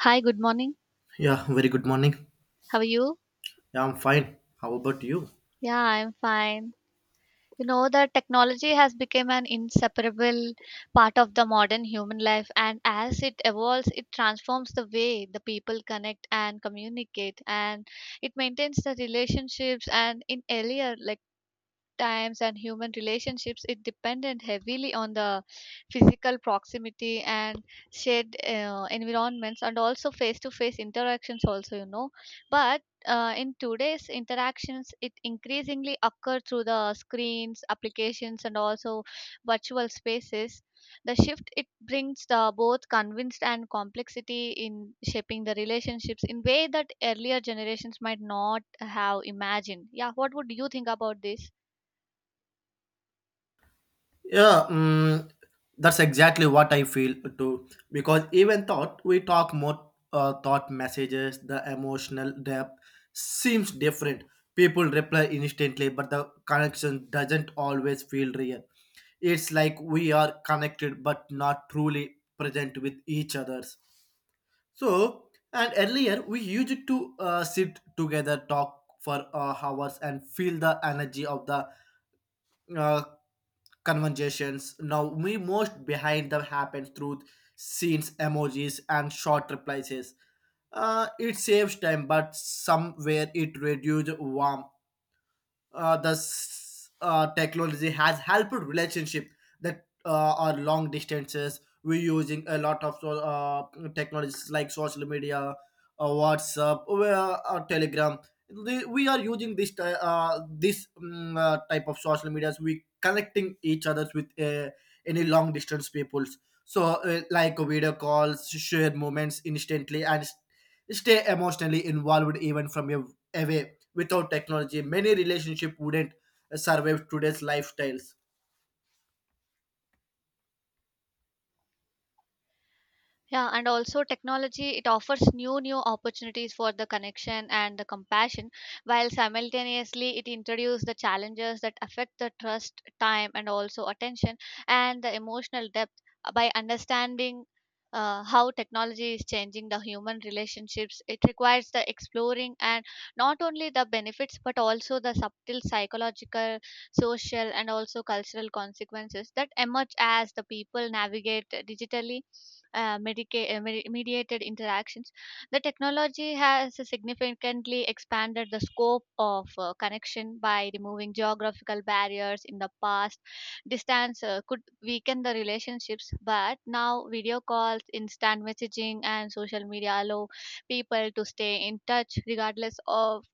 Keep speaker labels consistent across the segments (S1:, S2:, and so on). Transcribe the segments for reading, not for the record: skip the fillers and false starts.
S1: Hi, good morning.
S2: Yeah, very good morning.
S1: How are you?
S2: Yeah, I'm fine. How about you?
S1: Yeah, I'm fine. You know that technology has become an inseparable part of the modern human life, and as it evolves, it transforms the way the people connect and communicate, and it maintains the relationships. And in earlier, like times and human relationships, it depended heavily on the physical proximity and shared environments, and also face to face interactions also, you know, but in today's interactions it increasingly occur through the screens, applications, and also virtual spaces. The shift it brings the both convinced and complexity in shaping the relationships in way that earlier generations might not have imagined. Yeah, what would you think about this?
S2: Yeah, that's exactly what I feel too. Because even thought we talk more thought messages, the emotional depth seems different. People reply instantly, but the connection doesn't always feel real. It's like we are connected but not truly present with each others. So, and earlier we used to sit together, talk for hours, and feel the energy of the uh, conversations. Now we most behind them happens through scenes, emojis, and short replies. It saves time, but somewhere it reduces warmth. This technology has helped relationship that are long distances. We're using a lot of technologies like social media, WhatsApp, or Telegram. We are using this type of social medias. We connecting each others with any long distance peoples. So like video calls share moments instantly and stay emotionally involved even from a away. Without technology, many relationships wouldn't survive today's lifestyles.
S1: Yeah, and also technology, it offers new opportunities for the connection and the compassion, while simultaneously it introduces the challenges that affect the trust, time, and also attention and the emotional depth. By understanding how technology is changing the human relationships, it requires the exploring and not only the benefits but also the subtle psychological, social, and also cultural consequences that emerge as the people navigate digitally mediated interactions. The technology has significantly expanded the scope of connection by removing geographical barriers. In the past, distance could weaken the relationships, but now video calls, instant messaging, and social media allow people to stay in touch regardless of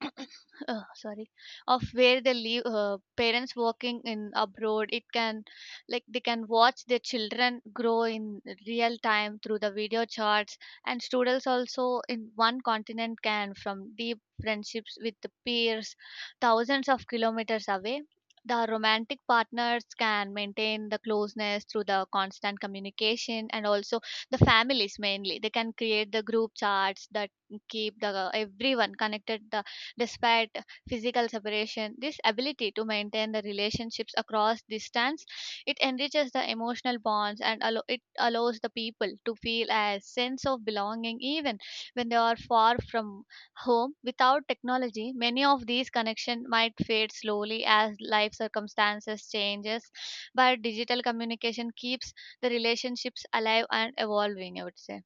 S1: sorry of where they live. Parents working in abroad, it can, like, they can watch their children grow in real time through the video charts, and students also in one continent can from deep friendships with the peers thousands of kilometers away. The romantic partners can maintain the closeness through the constant communication, and also the families, mainly they can create the group charts that keep the everyone connected the. Despite physical separation, this ability to maintain the relationships across distance, it enriches the emotional bonds and it allows the people to feel a sense of belonging even when they are far from home. Without technology, many of these connections might fade slowly as life circumstances changes, but digital communication keeps the relationships alive and evolving, I would say.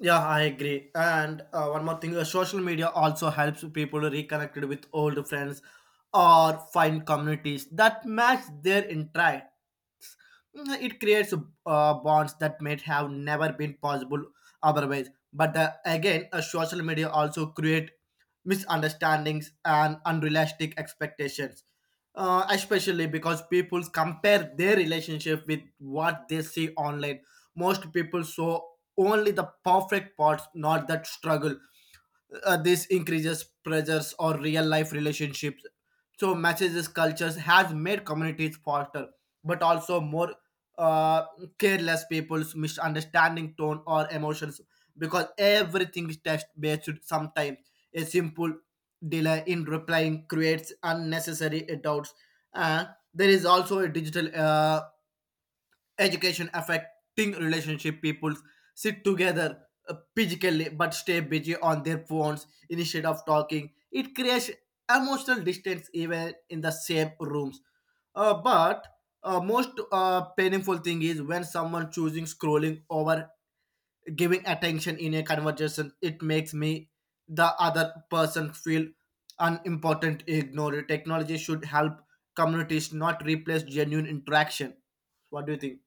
S2: Yeah, I agree. And one more thing, social media also helps people reconnect with old friends or find communities that match their interest. It creates bonds that might have never been possible otherwise. But again, social media also create misunderstandings and unrealistic expectations, especially because people compare their relationship with what they see online. Most people saw only the perfect parts, not that struggle. This increases pressures on real life relationships. So messages cultures has made communities faster, but also more uh, careless. People's misunderstanding tone or emotions because everything is text based sometimes. A simple delay in replying creates unnecessary doubts. And there is also a digital education affecting relationship. People sit together physically, but stay busy on their phones instead of talking. It creates emotional distance even in the same rooms. But most painful thing is when someone choosing scrolling over giving attention in a conversation. It makes me the other person feel unimportant, ignored. Technology should help communities, not replace genuine interaction. What do you think?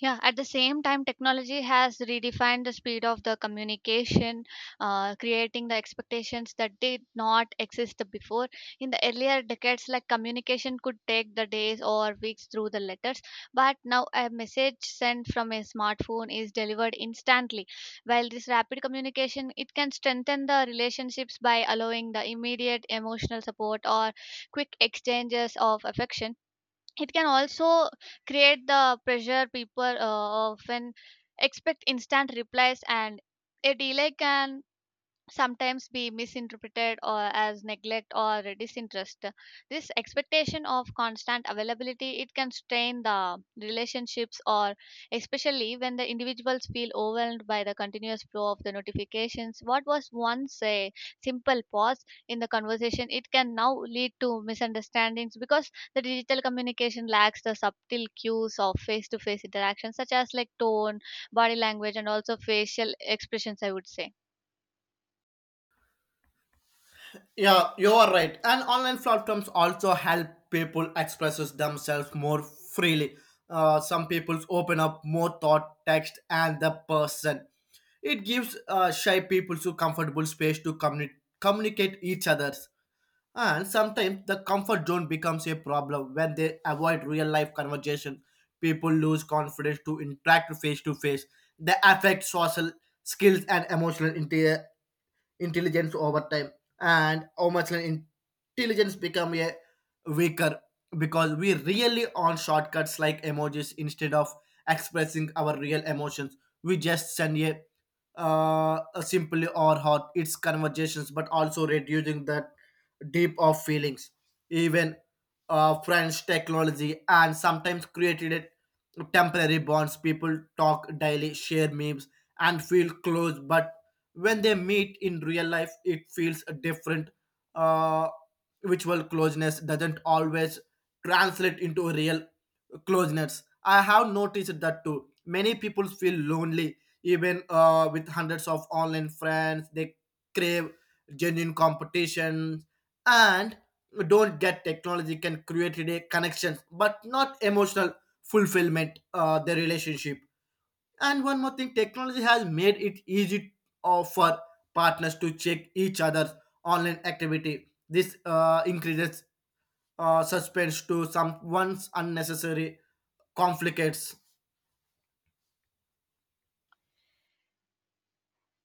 S1: Yeah, at the same time, technology has redefined the speed of the communication, creating the expectations that did not exist before. In the earlier decades, like, communication could take the days or weeks through the letters, but now a message sent from a smartphone is delivered instantly. While this rapid communication, it can strengthen the relationships by allowing the immediate emotional support or quick exchanges of affection, it can also create the pressure. People often expect instant replies, and a delay can sometimes be misinterpreted or as neglect or disinterest. This expectation of constant availability, it can strain the relationships, or especially when the individuals feel overwhelmed by the continuous flow of the notifications. What was once a simple pause in the conversation, it can now lead to misunderstandings because the digital communication lacks the subtle cues of face to face interaction such as, like, tone, body language, and also facial expressions, I would say.
S2: Yeah, you are right. And online platforms also help people expresses themselves more freely. Some people open up more thought, text, and the person. It gives shy people to comfortable space to communicate each other's. And sometimes the comfort zone becomes a problem when they avoid real life conversation. People lose confidence to interact face to face. They affect social skills and emotional intelligence over time. And how much an intelligence become a weaker because we really on shortcuts like emojis instead of expressing our real emotions. We just send a simply or hot its conversations, but also reducing that deep of feelings. Even French technology and sometimes created it temporary bonds. People talk daily, share memes, and feel close, but when they meet in real life, it feels different. Uh, virtual closeness doesn't always translate into real closeness. I have noticed that too. Many people feel lonely even with hundreds of online friends. They crave genuine competition and don't get technology can create a connection, but not emotional fulfillment. The relationship. And one more thing, technology has made it easy for partners to check each other's online activity. This increases suspense to some one's unnecessary conflicts.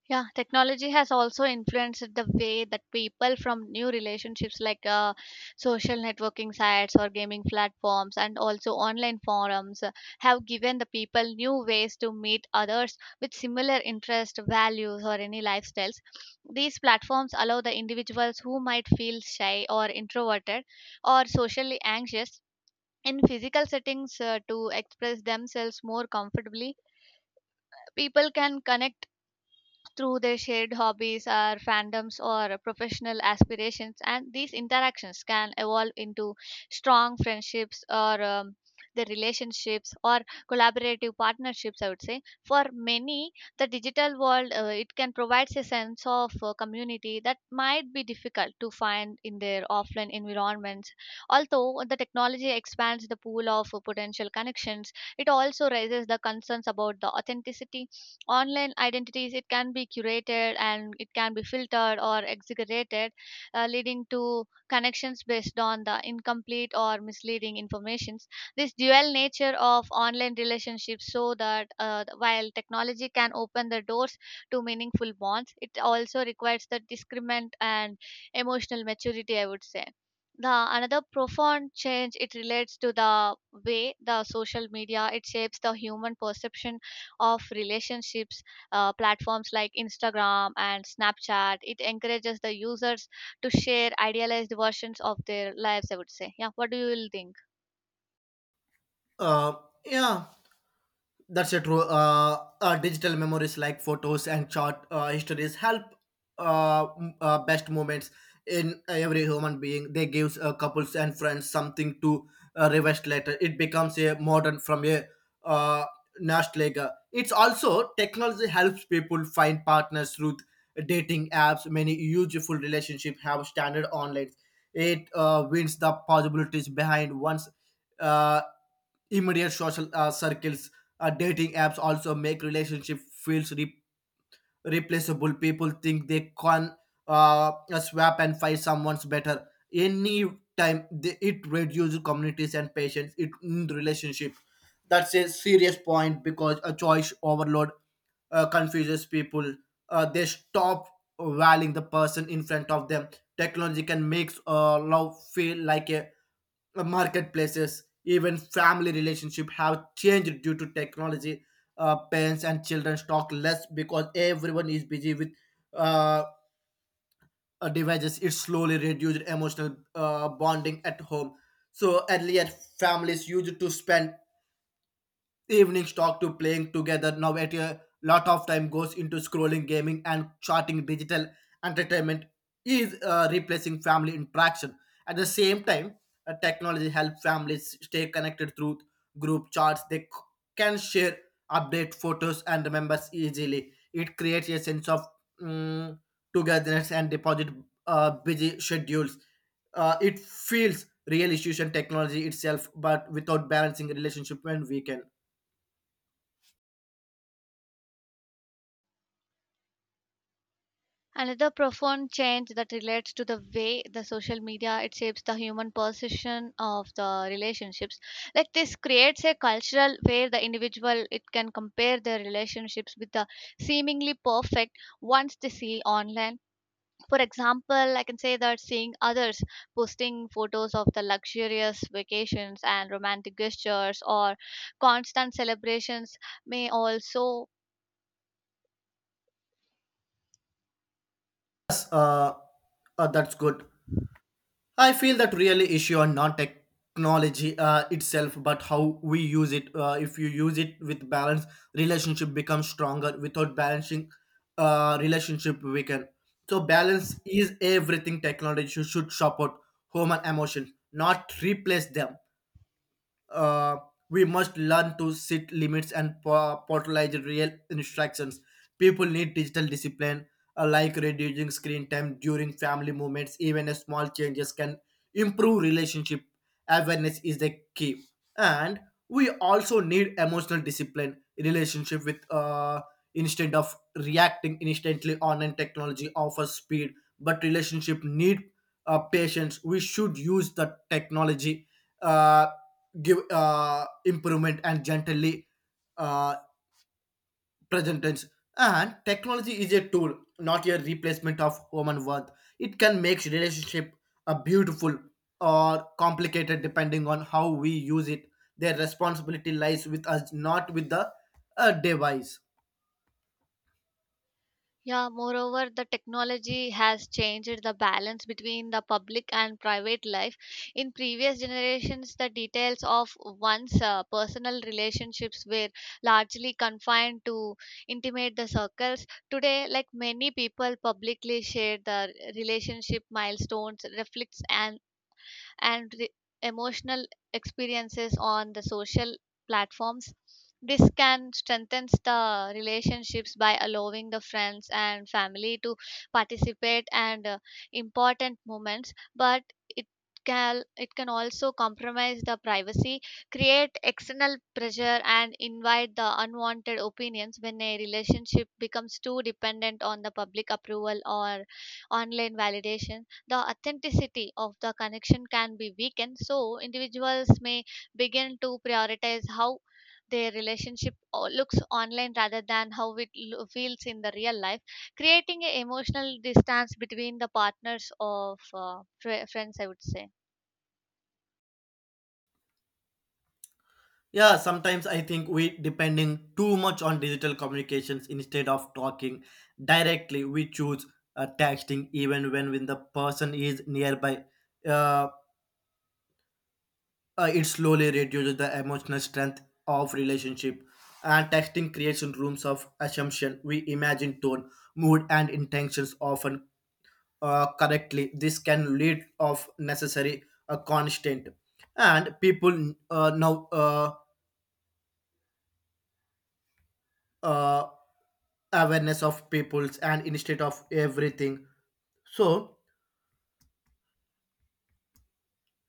S1: Yeah, technology has also influenced the way that people from new relationships, like social networking sites or gaming platforms and also online forums, have given the people new ways to meet others with similar interests, values, or any lifestyles. These platforms allow the individuals who might feel shy or introverted or socially anxious in physical settings, to express themselves more comfortably. People can connect through their shared hobbies or fandoms or professional aspirations, and these interactions can evolve into strong friendships or the relationships or collaborative partnerships, I would say. For many, the digital world, it can provide a sense of community that might be difficult to find in their offline environments. Although the technology expands the pool of potential connections, it also raises the concerns about the authenticity. Online identities, it can be curated, and it can be filtered or exaggerated, leading to connections based on the incomplete or misleading informations. This dual nature of online relationships, so that while technology can open the doors to meaningful bonds, it also requires the discernment and emotional maturity, I would say. The another profound change, it relates to the way the social media it shapes the human perception of relationships. Platforms like Instagram and Snapchat, it encourages the users to share idealized versions of their lives, I would say. Yeah, what do you will think?
S2: Uh, yeah. That's a true. Digital memories like photos and chart histories help best moments in every human being. They gives couples and friends something to revest later. It becomes a modern from a uh, nostalgic. It's also technology helps people find partners through dating apps. Many useful relationships have standard online. It wins the possibilities behind one's uh, immediate social circles. Dating apps also make relationship feels replaceable. People think they can uh, swap and find someone's better. Any time they, it reduces communities and patience, it, in the relationship. That's a serious point because a choice overload confuses people. They stop valuing the person in front of them. Technology can make love feel like a marketplaces. Even family relationship have changed due to technology. Parents and children talk less because everyone is busy with uh, devices. It slowly reduced emotional bonding at home. So earlier, families used to spend evenings talk to playing together. Now at a lot of time goes into scrolling, gaming, and charting. Digital entertainment is replacing family interaction. At the same time, technology helps families stay connected through group chats. They can share update photos and remembers easily. It creates a sense of mm, togetherness and deposit busy schedules. It feels real issues and technology itself, but without balancing relationship and weekend.
S1: Another profound change that relates to the way the social media it shapes the human perception of the relationships, like this creates a cultural where the individual it can compare their relationships with the seemingly perfect ones they see online. For example, I can say that seeing others posting photos of the luxurious vacations and romantic gestures or constant celebrations may also.
S2: Yes, that's good. I feel that really issue on not technology itself, but how we use it. If you use it with balance, relationship becomes stronger. Without balancing, relationship weaken. So balance is everything. Technology should support human emotion, not replace them. Uh, we must learn to set limits and portalize real instructions. People need digital discipline, like reducing screen time during family moments. Even a small changes can improve relationship. Awareness is the key, and we also need emotional discipline relationship with, instead of reacting instantly. Online technology offers speed, but relationship need patience. We should use the technology. Uh, give improvement and gently uh, present tense. And technology is a tool, not a replacement of human worth. It can make relationship a beautiful or complicated, depending on how we use it. Their responsibility lies with us, not with the device.
S1: Yeah, moreover, the technology has changed the balance between the public and private life. In previous generations, the details of one's personal relationships were largely confined to intimate the circles. Today, like, many people publicly share the relationship milestones, reflects, and the emotional experiences on the social platforms. This can strengthen the relationships by allowing the friends and family to participate and important moments, but it it can also compromise the privacy, create external pressure, and invite the unwanted opinions. When a relationship becomes too dependent on the public approval or online validation, the authenticity of the connection can be weakened. So, individuals may begin to prioritize how their relationship looks online rather than how it feels in the real life, creating an emotional distance between the partners of friends, I would say.
S2: Yeah, sometimes I think we depending too much on digital communications instead of talking directly. We choose texting even when the person is nearby. Uh, it slowly reduces the emotional strength of relationship. And texting creates rooms of assumption. We imagine tone, mood, and intentions often correctly. This can lead of necessary constant. And people now uh, awareness of peoples and instead of everything. So,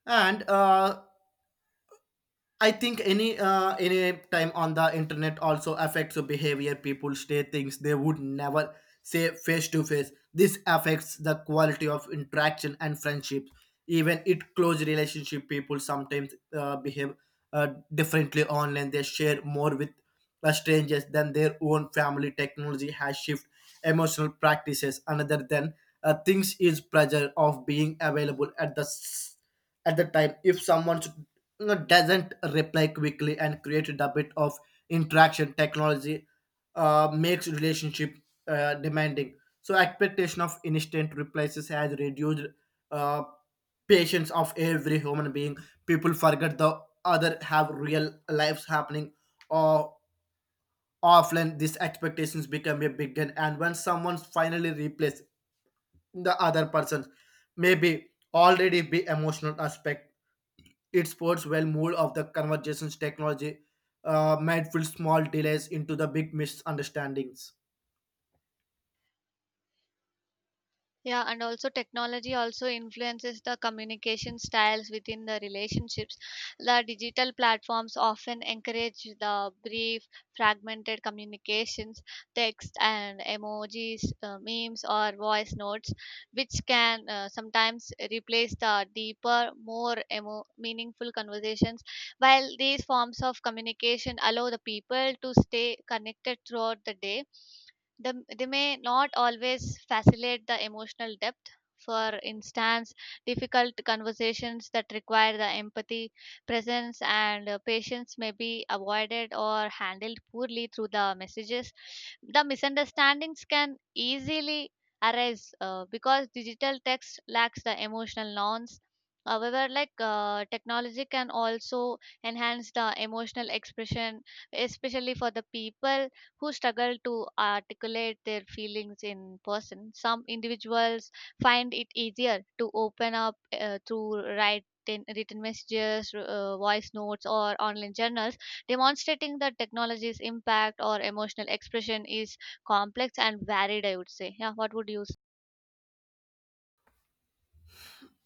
S2: and I think any time on the internet also affects the behavior. People say things they would never say face to face. This affects the quality of interaction and friendships. Even it close relationship, people sometimes behave uh, differently online. They share more with strangers than their own family. Technology has shifted emotional practices. Another than things is pressure of being available at the at the time. If someone, you know, doesn't reply quickly and created a bit of interaction. Technology makes relationship demanding. So expectation of instant replies has reduced uh, patience of every human being. People forget the other have real lives happening or. Often these expectations become a big gun, and when someone finally replaces the other person, maybe already be emotional aspect. It sports well mood of the conversations. Technology might fill small delays into the big misunderstandings.
S1: Yeah, and also technology also influences the communication styles within the relationships. The digital platforms often encourage the brief, fragmented communications, text and emojis, memes, or voice notes, which can sometimes replace the deeper, more meaningful conversations. While these forms of communication allow the people to stay connected throughout the day, they may not always facilitate the emotional depth. For instance, difficult conversations that require the empathy, presence, and patience may be avoided or handled poorly through the messages. The misunderstandings can easily arise because digital text lacks the emotional nuance. However, like, technology can also enhance the emotional expression, especially for the people who struggle to articulate their feelings in person. Some individuals find it easier to open up through write written messages, voice notes, or online journals, demonstrating that technology's impact or emotional expression is complex and varied, I would say. Yeah. What would you.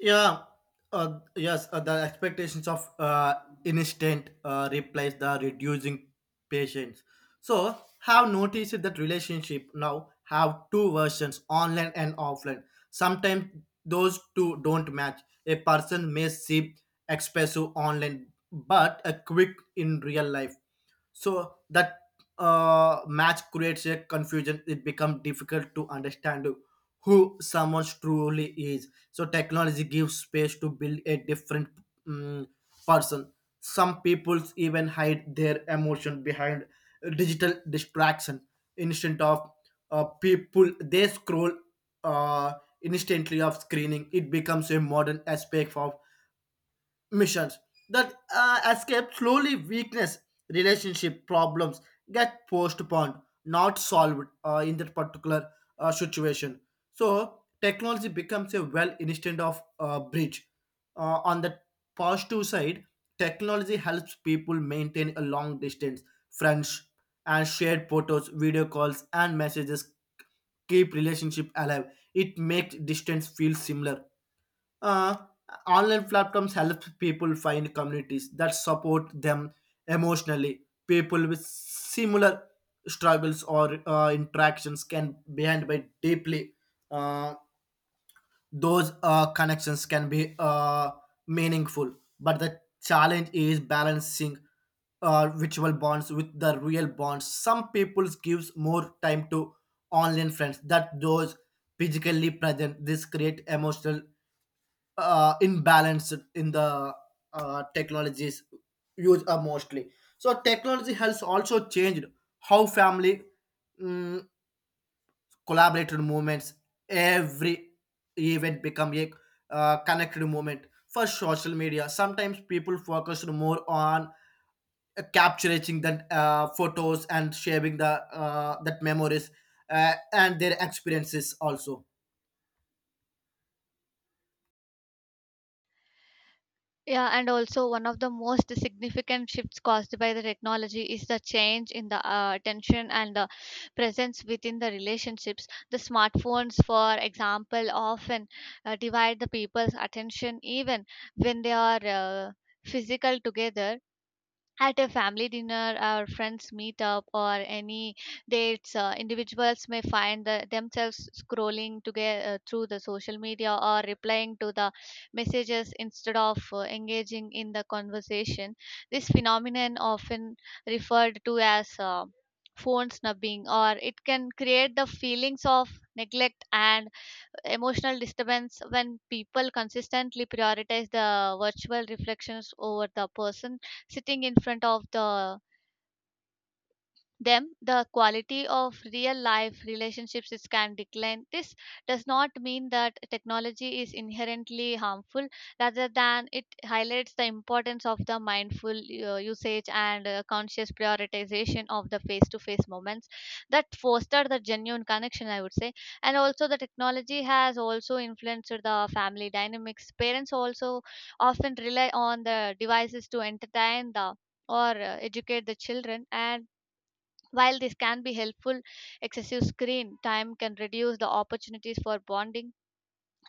S2: Yeah, yes, the expectations of instant replace the reducing patience. So, have noticed that relationship now have two versions, online and offline. Sometimes those two don't match. A person may seem expressive online, but a quick in real life. So that match creates a confusion. It becomes difficult to understand who someone truly is. So technology gives space to build a different mm person. Some people even hide their emotion behind digital distraction instead of people. They scroll uh, instantly of screening. It becomes a modern aspect of missions that escape slowly weakness. Relationship problems get postponed, not solved, in that particular situation. So technology becomes a well instead of bridge. On the positive side, technology helps people maintain a long distance friends, and shared photos, video calls, and messages keep relationship alive. It makes distance feel similar. Uh, online platforms help people find communities that support them emotionally. People with similar struggles or interactions can be handled by deeply. Uh, those connections can be meaningful. But the challenge is balancing virtual bonds with the real bonds. Some people gives more time to online friends that those physically present. This create emotional imbalance in the technologies used mostly. So technology has also changed how family mm, collaborated movements. Every event become a connected movement for social media. Sometimes people focused more on capturing the photos and sharing the that memories and their experiences also.
S1: Yeah, and also one of the most significant shifts caused by the technology is the change in the attention and the presence within the relationships. The smartphones, for example, often divide the people's attention even when they are physical together at a family dinner or friends meet up or any dates. Individuals may find the, themselves scrolling together through the social media or replying to the messages instead of engaging in the conversation. This phenomenon often referred to as phone snubbing, or it can create the feelings of neglect and emotional disturbance. When people consistently prioritize the virtual reflections over the person sitting in front of the them, the quality of real life relationships is can decline. This does not mean that technology is inherently harmful, rather than it highlights the importance of the mindful usage and conscious prioritization of the face to face moments that foster the genuine connection, I would say. And also the technology has also influenced the family dynamics. Parents also often rely on the devices to entertain the or educate the children, and while this can be helpful, excessive screen time can reduce the opportunities for bonding.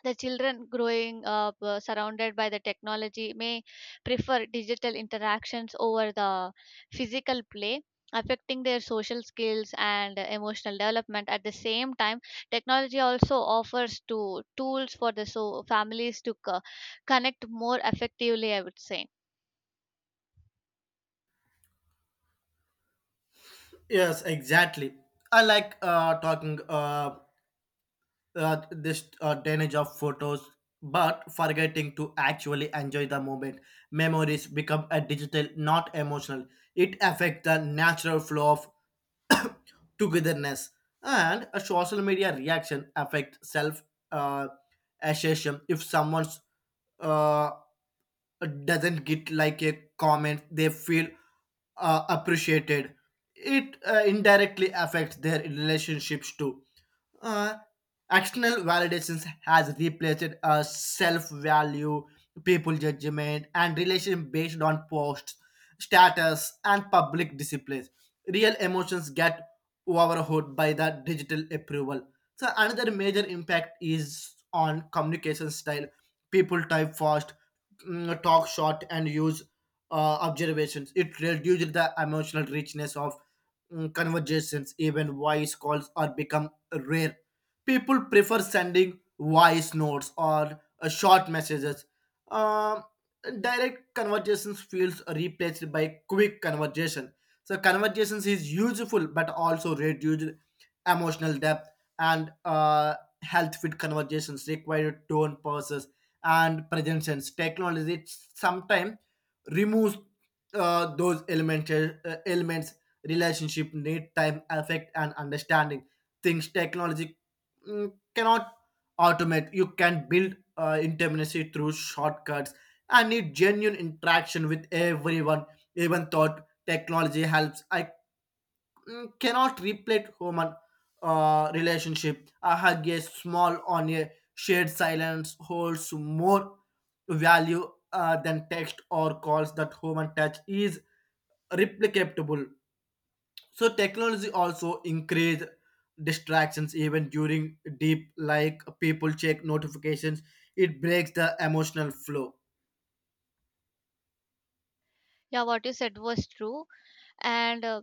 S1: The children growing up surrounded by the technology may prefer digital interactions over the physical play, affecting their social skills and emotional development. At the same time, technology also offers to tools for the so families to connect more effectively, I would say.
S2: Yes, exactly. I like talking this tonnage of photos, but forgetting to actually enjoy the moment. Memories become a digital, not emotional. It affects the natural flow of togetherness. And a social media reaction affects self uh, assessment. If someone uh, doesn't get like a comment, they feel appreciated. It indirectly affects their relationships too. Uh, external validations has replaced self-value, people judgment, and relation based on posts, status, and public displays. Real emotions get overhauled by the digital approval. So another major impact is on communication style. People type fast, talk short, and use observations. It reduces the emotional richness of conversations. Even voice calls are become rare. People prefer sending voice notes or short messages. Um, direct conversations feels replaced by quick conversation. So conversations is useful but also reduced emotional depth. And health fit conversations require tone pauses and presence. Technology sometimes removes those elements, elements relationship need time affect and understanding. Things technology cannot automate. You can build intimacy through shortcuts and need genuine interaction with everyone. Even thought technology helps, I cannot replace human relationship. A hug, a small on a shared silence holds more value than text or calls. That human touch is replicatable. So technology also increase distractions even during deep, like people check notifications. It breaks the emotional flow.
S1: Yeah, what you said was true, and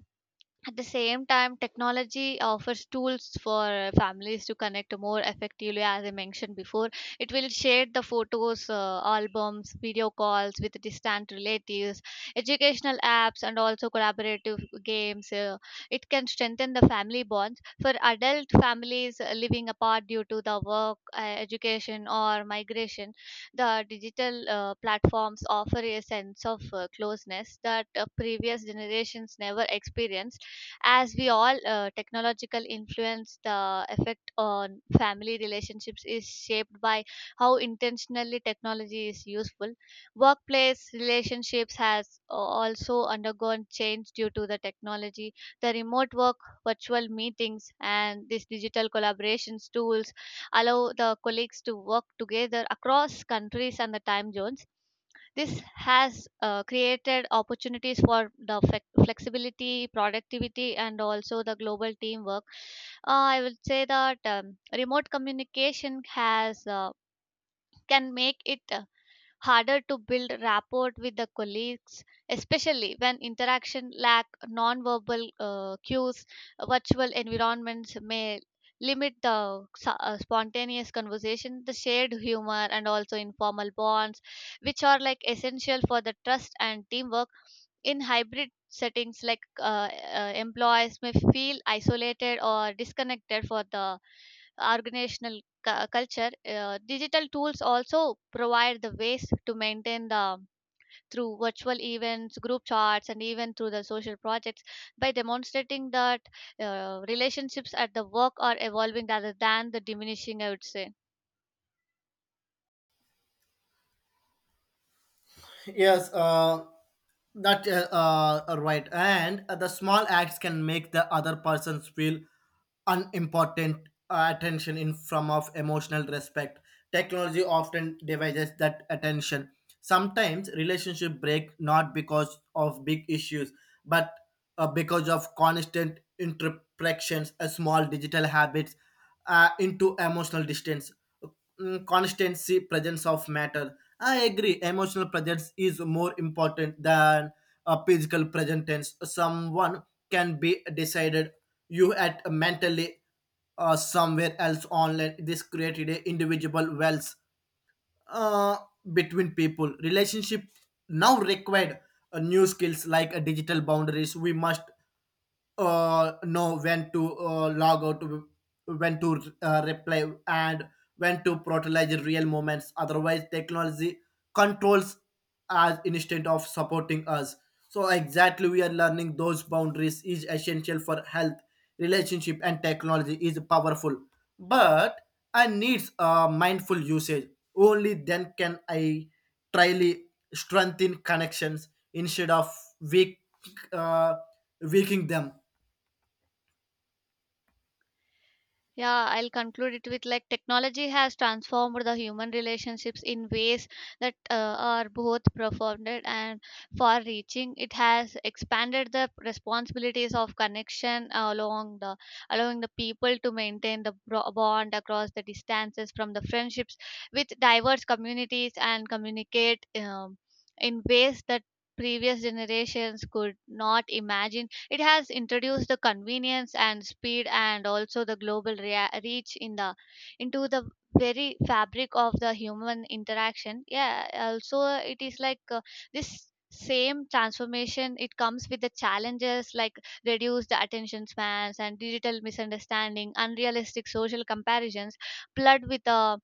S1: at the same time, technology offers tools for families to connect more effectively, as I mentioned before. It will share the photos, albums, video calls with distant relatives, educational apps, and also collaborative games. It can strengthen the family bonds. For adult families living apart due to the work, education, or migration, the digital platforms offer a sense of closeness that previous generations never experienced. As we all technological influence, the effect on family relationships is shaped by how intentionally technology is useful. Workplace relationships has also undergone change due to the technology. The remote work, virtual meetings, and these digital collaborations tools allow the colleagues to work together across countries and the time zones. This has created opportunities for the flexibility, productivity, and also the global teamwork. I would say that remote communication has can make it harder to build rapport with the colleagues, especially when interaction lack nonverbal cues. Virtual environments may limit the spontaneous conversation, the shared humor, and also informal bonds, which are, like, essential for the trust and teamwork. In hybrid settings, like employees may feel isolated or disconnected for the organizational culture. Digital tools also provide the ways to maintain the through virtual events, group chats, and even through the social projects, by demonstrating that relationships at the work are evolving rather than the diminishing, I would say.
S2: Yes, that right. And the small acts can make the other persons feel unimportant. Attention in form of emotional respect. Technology often divides that attention. Sometimes relationship break, not because of big issues, but because of constant interactions. A small digital habits into emotional distance. Constancy presence of matter. I agree emotional presence is more important than a physical presence tense. Someone can be decided you at mentally somewhere else online. This created a individual wells uh, between people. Relationship now required new skills like digital boundaries. We must know when to log out, when to reply, and when to prioritize real moments. Otherwise, technology controls us instead of supporting us. So, exactly, we are learning those boundaries is essential for health, relationship, and technology is powerful, but I needs a mindful usage. Only then can I tryly strengthen connections instead of weak, uh, weakening them.
S1: Yeah, I'll conclude it with, like, technology has transformed the human relationships in ways that are both profound and far reaching. It has expanded the responsibilities of connection along the allowing the people to maintain the bond across the distances, from the friendships with diverse communities, and communicate in ways that previous generations could not imagine. It has introduced the convenience and speed and also the global reach in the into the very fabric of the human interaction. Yeah, also it is, like, this same transformation it comes with the challenges, like reduced attention spans and digital misunderstanding, unrealistic social comparisons, flood with the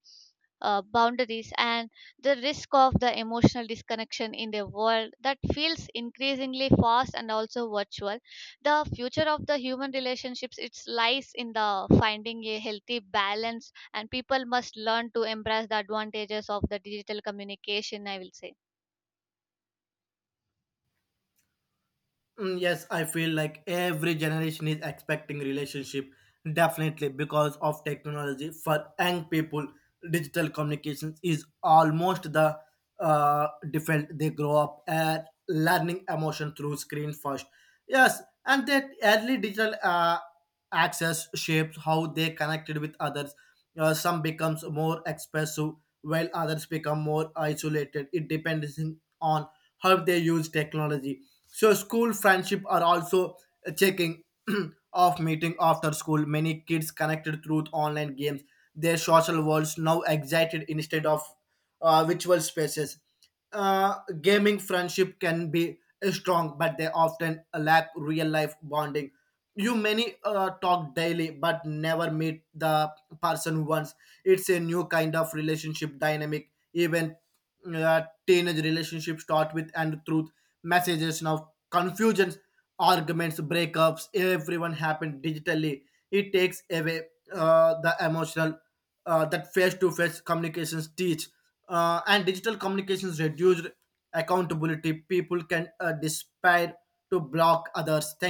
S1: boundaries and the risk of the emotional disconnection in the world that feels increasingly fast and also virtual. The future of the human relationships, it lies in the finding a healthy balance, and people must learn to embrace the advantages of the digital communication, I will say.
S2: Yes, I feel like every generation is expecting relationship definitely because of technology. For young people, digital communications is almost the default. They grow up at learning emotion through screen first. Yes, and that early digital. Access shapes how they connected with others. Some becomes more expressive while others become more isolated. It depends on how they use technology. So school friendship are also checking of meeting after school. Many kids connected through online games. Their social worlds now excited instead of virtual spaces. Gaming friendship can be strong, but they often lack real life bonding. You many talk daily but never meet the person once. It's a new kind of relationship dynamic. Even teenage relationships start with and truth messages. Now confusions, arguments, breakups, everyone happened digitally. It takes away the emotional that face-to-face communications teach. And digital communications reduced accountability. People can despair to block others thank.